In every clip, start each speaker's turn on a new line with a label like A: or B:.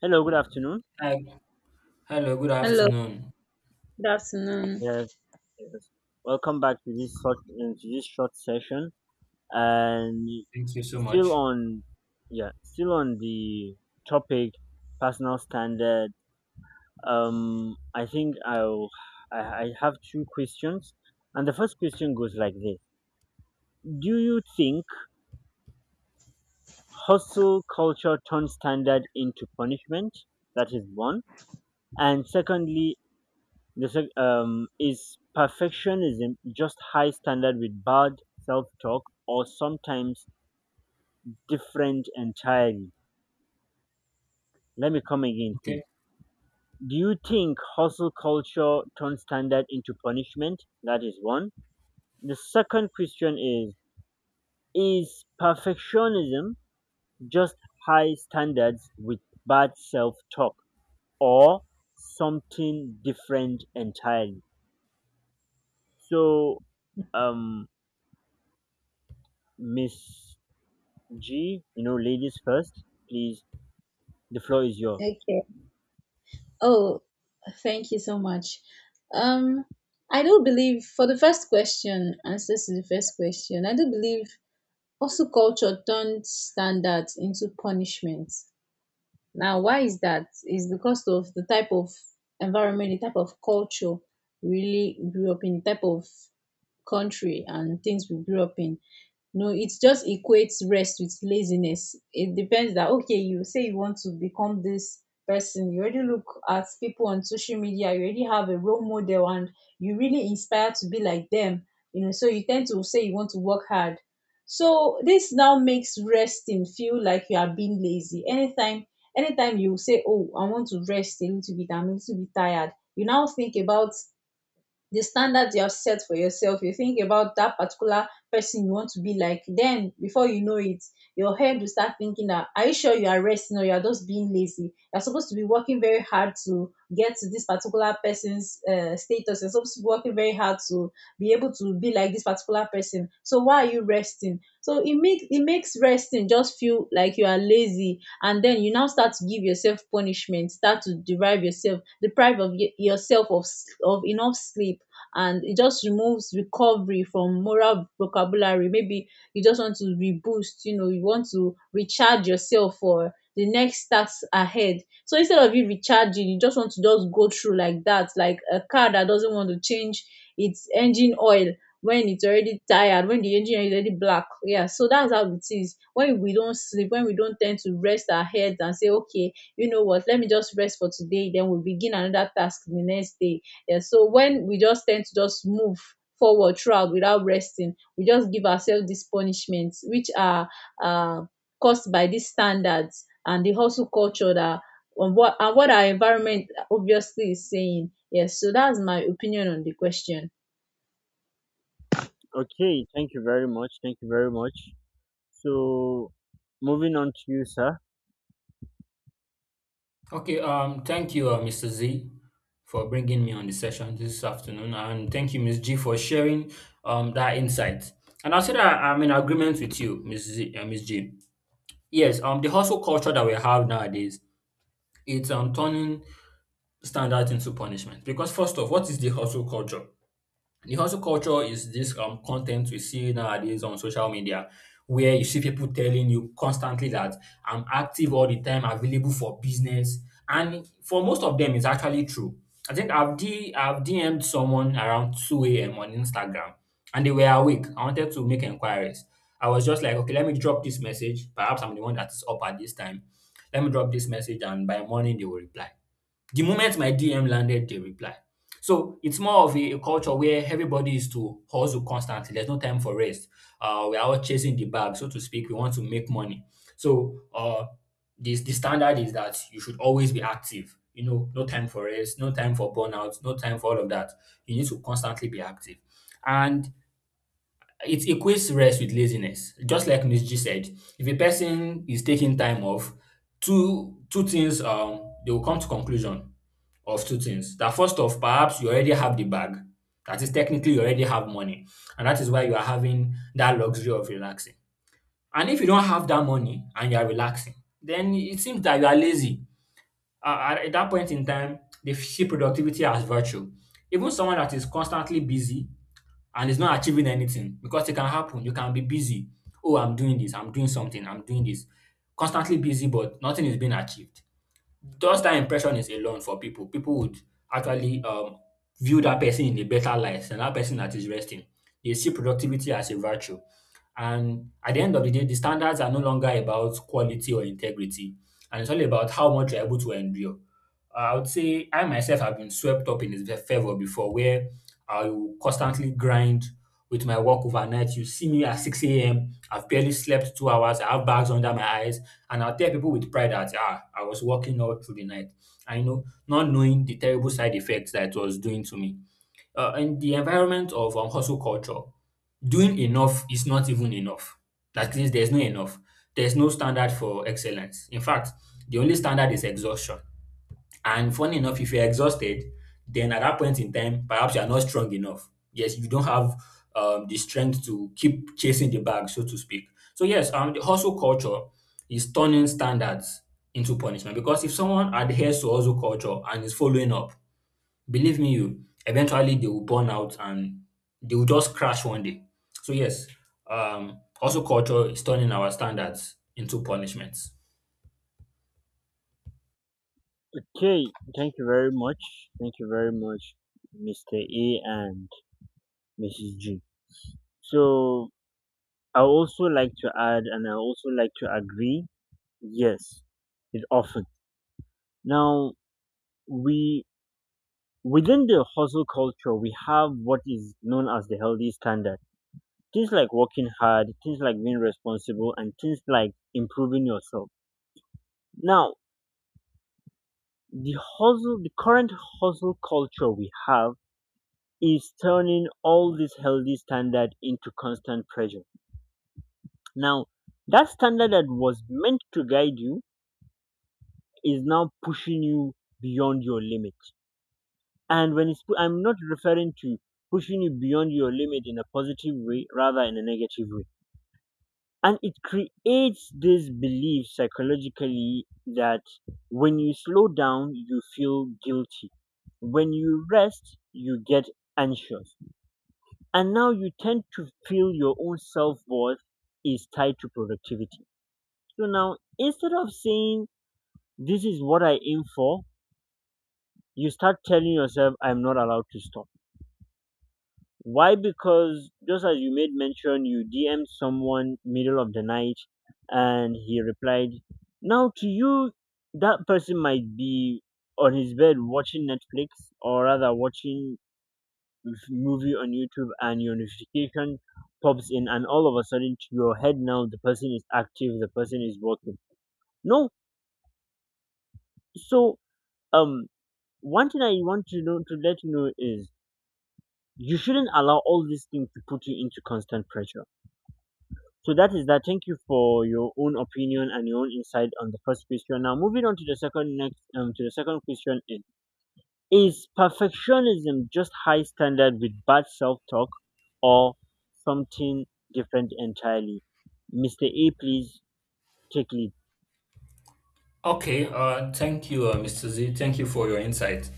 A: Hello, good afternoon.
B: Hi. Hello, good
C: Hello,
B: afternoon.
C: good afternoon.
A: Yes, yes. Welcome back to this short session, and
B: Thank you so
A: still
B: much.
A: on, yeah, still on the topic personal standard. I think I have two questions, and the first question goes like this: Do you think hustle culture turns standard into punishment? That is one, and secondly, is perfectionism just high standard with bad self talk or sometimes different entirely? Let me come again,
B: Okay.
A: please. Do you think hustle culture turns standard into punishment? That is one. The second question is perfectionism just high standards with bad self talk or something different entirely? So, um, Miss G, you know, ladies first, please. The floor is yours.
C: Okay. Oh, thank you so much. Um, I do believe for the first question, I do believe also culture turned standards into punishment. Now, why is that? It's because of the type of environment, the type of culture we really grew up in, the type of country and things we grew up in. No, it just equates rest with laziness. It depends that okay, you say you want to become this person. You already look at people on social media, you already have a role model and you really inspire to be like them. You know, so you tend to say you want to work hard. So this now makes resting feel like you are being lazy. Anytime you say, oh, I want to rest a little bit, I'm a little bit tired, you now think about the standards you have set for yourself. You think about that particular person you want to be like. Then before you know it, your head will start thinking that, are you sure you are resting or you are just being lazy? You're supposed to be working very hard to get to this particular person's status. You're supposed to be working very hard to be able to be like this particular person, so why are you resting? So it makes, it makes resting just feel like you are lazy, and then you now start to give yourself punishment, start to derive yourself, deprive of yourself of of enough sleep. And it just removes recovery from moral vocabulary. Maybe you just want to reboost, you know, you want to recharge yourself for the next task ahead. So instead of you recharging, you just want to just go through like that, like a car that doesn't want to change its engine oil when it's already tired, when the engine is already black. Yeah, so that's how it is. When we don't sleep, when we don't tend to rest our heads and say, okay, you know what, let me just rest for today, then we begin another task the next day. Yeah, so when we just tend to just move forward throughout without resting, we just give ourselves these punishments, which are uh, caused by these standards and the hustle culture that and what our environment obviously is saying. Yes, so that's my opinion on the question.
A: Okay, thank you very much. Thank you very much. So, moving on to you, sir.
B: Okay, thank you, Mr. Z, for bringing me on the session this afternoon, and thank you, Miss G, for sharing that insight. And I'll say that I'm in agreement with you, Miss G. Yes, the hustle culture that we have nowadays, it's turning standards into punishment. Because first off, what is the hustle culture? The hustle culture is this content we see nowadays on social media where you see people telling you constantly that I'm active all the time, available for business. And for most of them, it's actually true. I think I've DM'd someone around 2 a.m. on Instagram and they were awake. I wanted to make inquiries. I was just like, okay, let me drop this message. Perhaps I'm the one that is up at this time. Let me drop this message and by morning they will reply. The moment my DM landed, they reply. So it's more of a culture where everybody is to hustle constantly. There's no time for rest. We are all chasing the bag, so to speak. We want to make money. So uh, this the standard is that you should always be active. You know, no time for rest, no time for burnout, no time for all of that. You need to constantly be active. And it equates rest with laziness. Just like Miss G said, if a person is taking time off, two things they will come to conclusion of two things. That first off, perhaps you already have the bag. That is technically you already have money, and that is why you are having that luxury of relaxing. And if you don't have that money and you are relaxing, then it seems that you are lazy. At that point in time, they see productivity as virtue. Even someone that is constantly busy and it's not achieving anything because it can happen. You can be busy. Oh, I'm doing this. I'm doing something. I'm doing this. Constantly busy, but nothing is being achieved. Just that impression is alone for people. People would actually view that person in a better light than that person that is resting. They see productivity as a virtue. And at the end of the day, the standards are no longer about quality or integrity, and it's all about how much you're able to endure. I would say I myself have been swept up in his favor before, where I will constantly grind with my work overnight. You see me at 6 a.m., I've barely slept two hours, I have bags under my eyes, and I'll tell people with pride that ah, I was working all through the night. I know, not knowing the terrible side effects that it was doing to me. In the environment of hustle culture, doing enough is not even enough. That means there's no enough. There's no standard for excellence. In fact, the only standard is exhaustion. And funny enough, if you're exhausted, then at that point in time, perhaps you're not strong enough. Yes, you don't have the strength to keep chasing the bag, so to speak. So, yes, the hustle culture is turning standards into punishment because if someone adheres to hustle culture and is following up, believe me, you eventually they will burn out and they will just crash one day. So, yes, hustle culture is turning our standards into punishments.
A: Okay, thank you very much. Thank you very much, Mr. A and Mrs. G. So, I also like to add and I also like to agree, yes, it's often. Now, we within the hustle culture, we have what is known as the healthy standard, things like working hard, things like being responsible, and things like improving yourself. Now, the current hustle culture we have is turning all this healthy standard into constant pressure. Now, that standard that was meant to guide you is now pushing you beyond your limit. And I'm not referring to pushing you beyond your limit in a positive way, rather in a negative way, and it creates this belief psychologically that when you slow down you feel guilty, when you rest you get anxious, and now you tend to feel your own self-worth is tied to productivity. So now instead of saying this is what I aim for, you start telling yourself I'm not allowed to stop. Why? Because just as you made mention, you DM'd someone middle of the night and he replied. Now to you, that person might be on his bed watching Netflix, or rather watching movie on YouTube, and your notification pops in and all of a sudden to your head now the person is active, the person is working. No. So, um one thing I want to know to let you know is you shouldn't allow all these things to put you into constant pressure. So that is that. Thank you for your own opinion and your own insight on the first question. Now moving on to the second question is perfectionism just high standard with bad self talk or something different entirely? Mr. A, please take lead.
B: Okay, thank you, Mr. Z. Thank you for your insight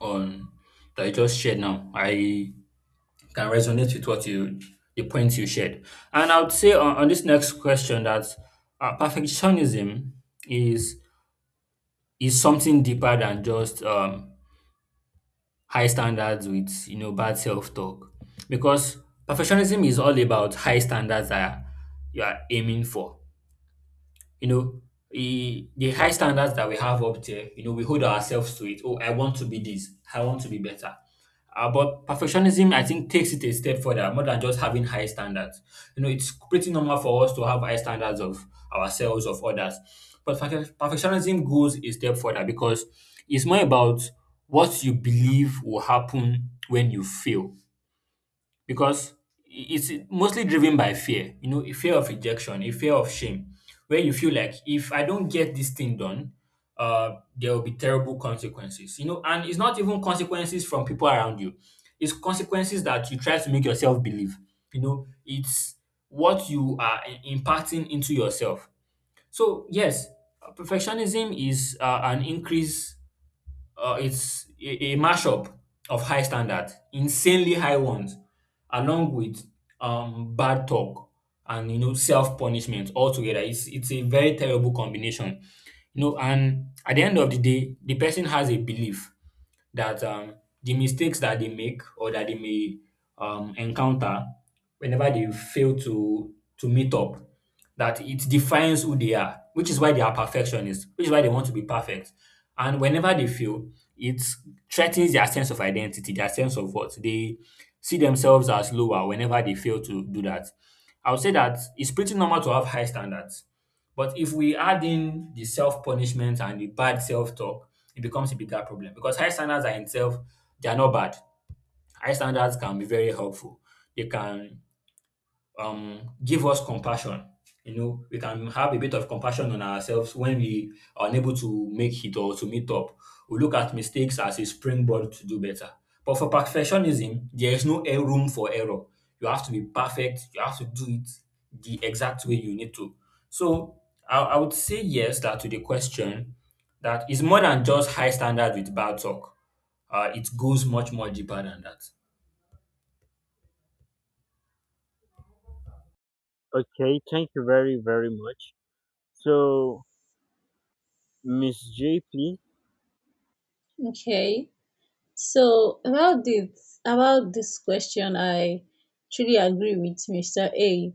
B: on that you just shared now. I can resonate with what you the points you shared. And I would say on this next question that perfectionism is is something deeper than just high standards with you know bad self talk, because perfectionism is all about high standards that you are aiming for. You know, the high standards that we have up there, you know, we hold ourselves to it. Oh, I want to be this. I want to be better. But perfectionism, I think, takes it a step further, more than just having high standards. You know, it's pretty normal for us to have high standards of ourselves, of others. But perfectionism goes a step further because it's more about what you believe will happen when you fail because it's mostly driven by fear, you know, a fear of rejection, a fear of shame, where you feel like if I don't get this thing done, there will be terrible consequences, you know, and it's not even consequences from people around you, it's consequences that you try to make yourself believe, you know, it's what you are imparting into yourself. So, yes, perfectionism is an increase it's a mashup of high standards, insanely high ones, along with bad talk and you know self punishment altogether. It's a very terrible combination, you know. And at the end of the day, the person has a belief that the mistakes that they make or that they may encounter whenever they fail to meet up, that it defines who they are, which is why they are perfectionists, which is why they want to be perfect. And whenever they fail, it threatens their sense of identity, their sense of what they see themselves as lower whenever they fail to do that. I would say that it's pretty normal to have high standards, but if we add in the self punishment and the bad self talk, it becomes a bigger problem because high standards are in itself, they are not bad. High standards can be very helpful. They can give us compassion. You know, we can have a bit of compassion on ourselves when we are unable to make it or to meet up. We look at mistakes as a springboard to do better. But for perfectionism, there is no air room for error. You have to be perfect. You have to do it the exact way you need to. So I would say yes that to the question that is more than just high standard with bad talk. It goes much more deeper than that.
A: Okay, thank you very very much. So Miss J, please.
C: Okay. So about this question, I truly agree with Mr. A,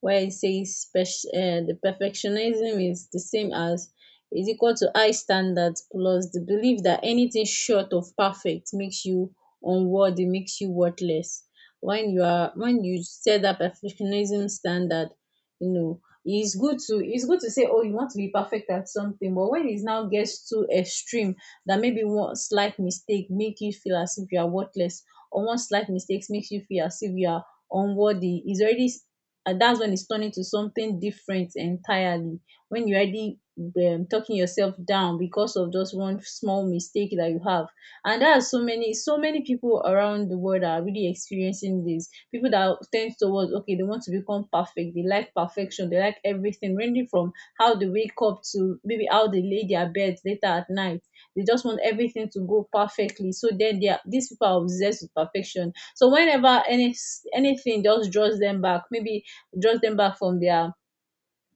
C: where he says the perfectionism is the same as, is equal to high standards plus the belief that anything short of perfect makes you unworthy, makes you worthless. When you set that perfectionism standard, you know, it's good to say, oh, you want to be perfect at something, but when it now gets too extreme, that maybe one slight mistake make you feel as if you are worthless, or one slight mistake makes you feel as if you are unworthy, is already, and that's when it's turning to something different entirely, when you're already talking yourself down because of just one small mistake that you have. And there are so many people around the world that are really experiencing this, people that tend towards, okay, they want to become perfect, they like perfection, they like everything, ranging from how they wake up to maybe how they lay their beds later at night. They just want everything to go perfectly. So then they are, these people are obsessed with perfection. So whenever anything just draws them back, maybe draws them back from their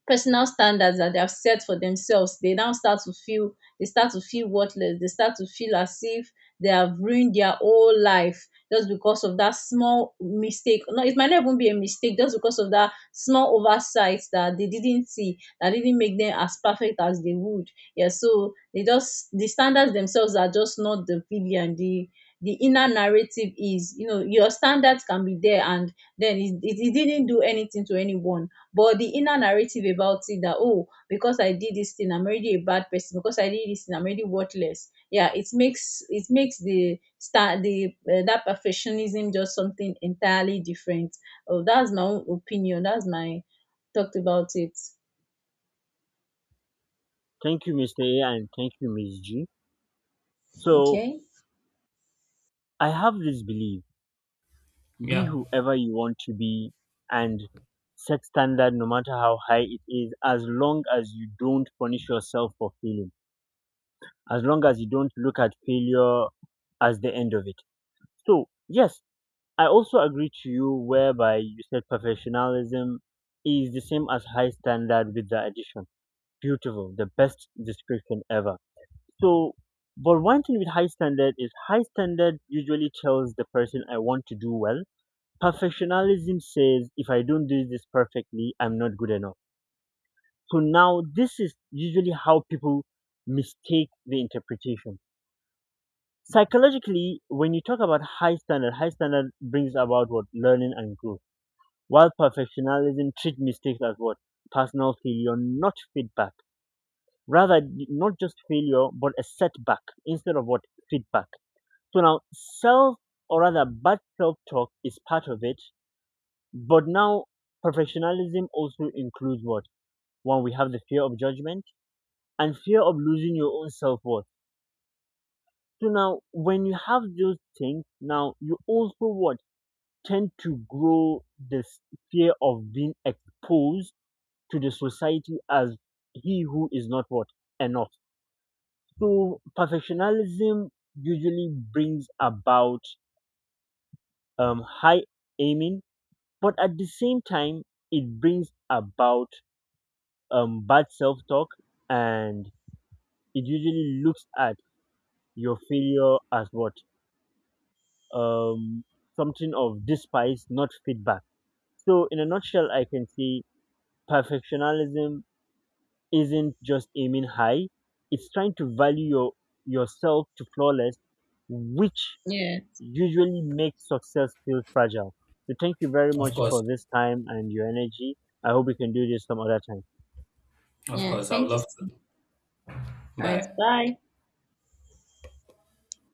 C: personal standards that they have set for themselves, they now start to feel, they start to feel worthless, they start to feel as if they have ruined their whole life just because of that small mistake. No, it might not even be a mistake, just because of that small oversight that they didn't see, that didn't make them as perfect as they would. Yeah, so they just, the standards themselves are just not the villain, the inner narrative is, you know, your standards can be there, and then it didn't do anything to anyone. But the inner narrative about it, that oh, because I did this thing I'm already a bad person, because I did this thing I'm already worthless. Yeah, it makes, it makes the start the that perfectionism just something entirely different. Oh, that's my own opinion, that's my talked about it.
A: Thank you, Mr. A, and thank you, Miss G. So
C: Okay.
A: I have this belief: be
B: Yeah,
A: whoever you want to be, and set standard no matter how high it is, as long as you don't punish yourself for failing. As long as you don't look at failure as the end of it. So yes, I also agree to you whereby you said professionalism is the same as high standard with the addition. Beautiful, the best description ever. So, but one thing with high standard is high standard usually tells the person I want to do well. Perfectionism says if I don't do this perfectly I'm not good enough. So now this is usually how people mistake the interpretation. Psychologically, when you talk about high standard, high standard brings about what? Learning and growth. While perfectionism treats mistakes as what? Personal failure, not feedback. Rather, not just failure but a setback instead of what? Feedback. So now self or rather bad self talk is part of it. But now perfectionism also includes what? One, we have the fear of judgment and fear of losing your own self worth. So now, when you have those things, now you also what? Tend to grow this fear of being exposed to the society as he who is not what? Enough. So perfectionism usually brings about high aiming, but at the same time, it brings about bad self talk, and it usually looks at your failure as what? um, Something of despise, not feedback. So, in a nutshell, I can say perfectionism isn't just aiming high; it's trying to value yourself to flawless, which
C: Yeah,
A: usually makes success feel fragile. So, thank you very
B: of
A: much
B: course,
A: for this time and your energy. I hope we can do this some other time.
B: of
C: yeah,
B: course. I would
C: thank you.
B: love to.
C: All right,
B: Bye.
C: bye.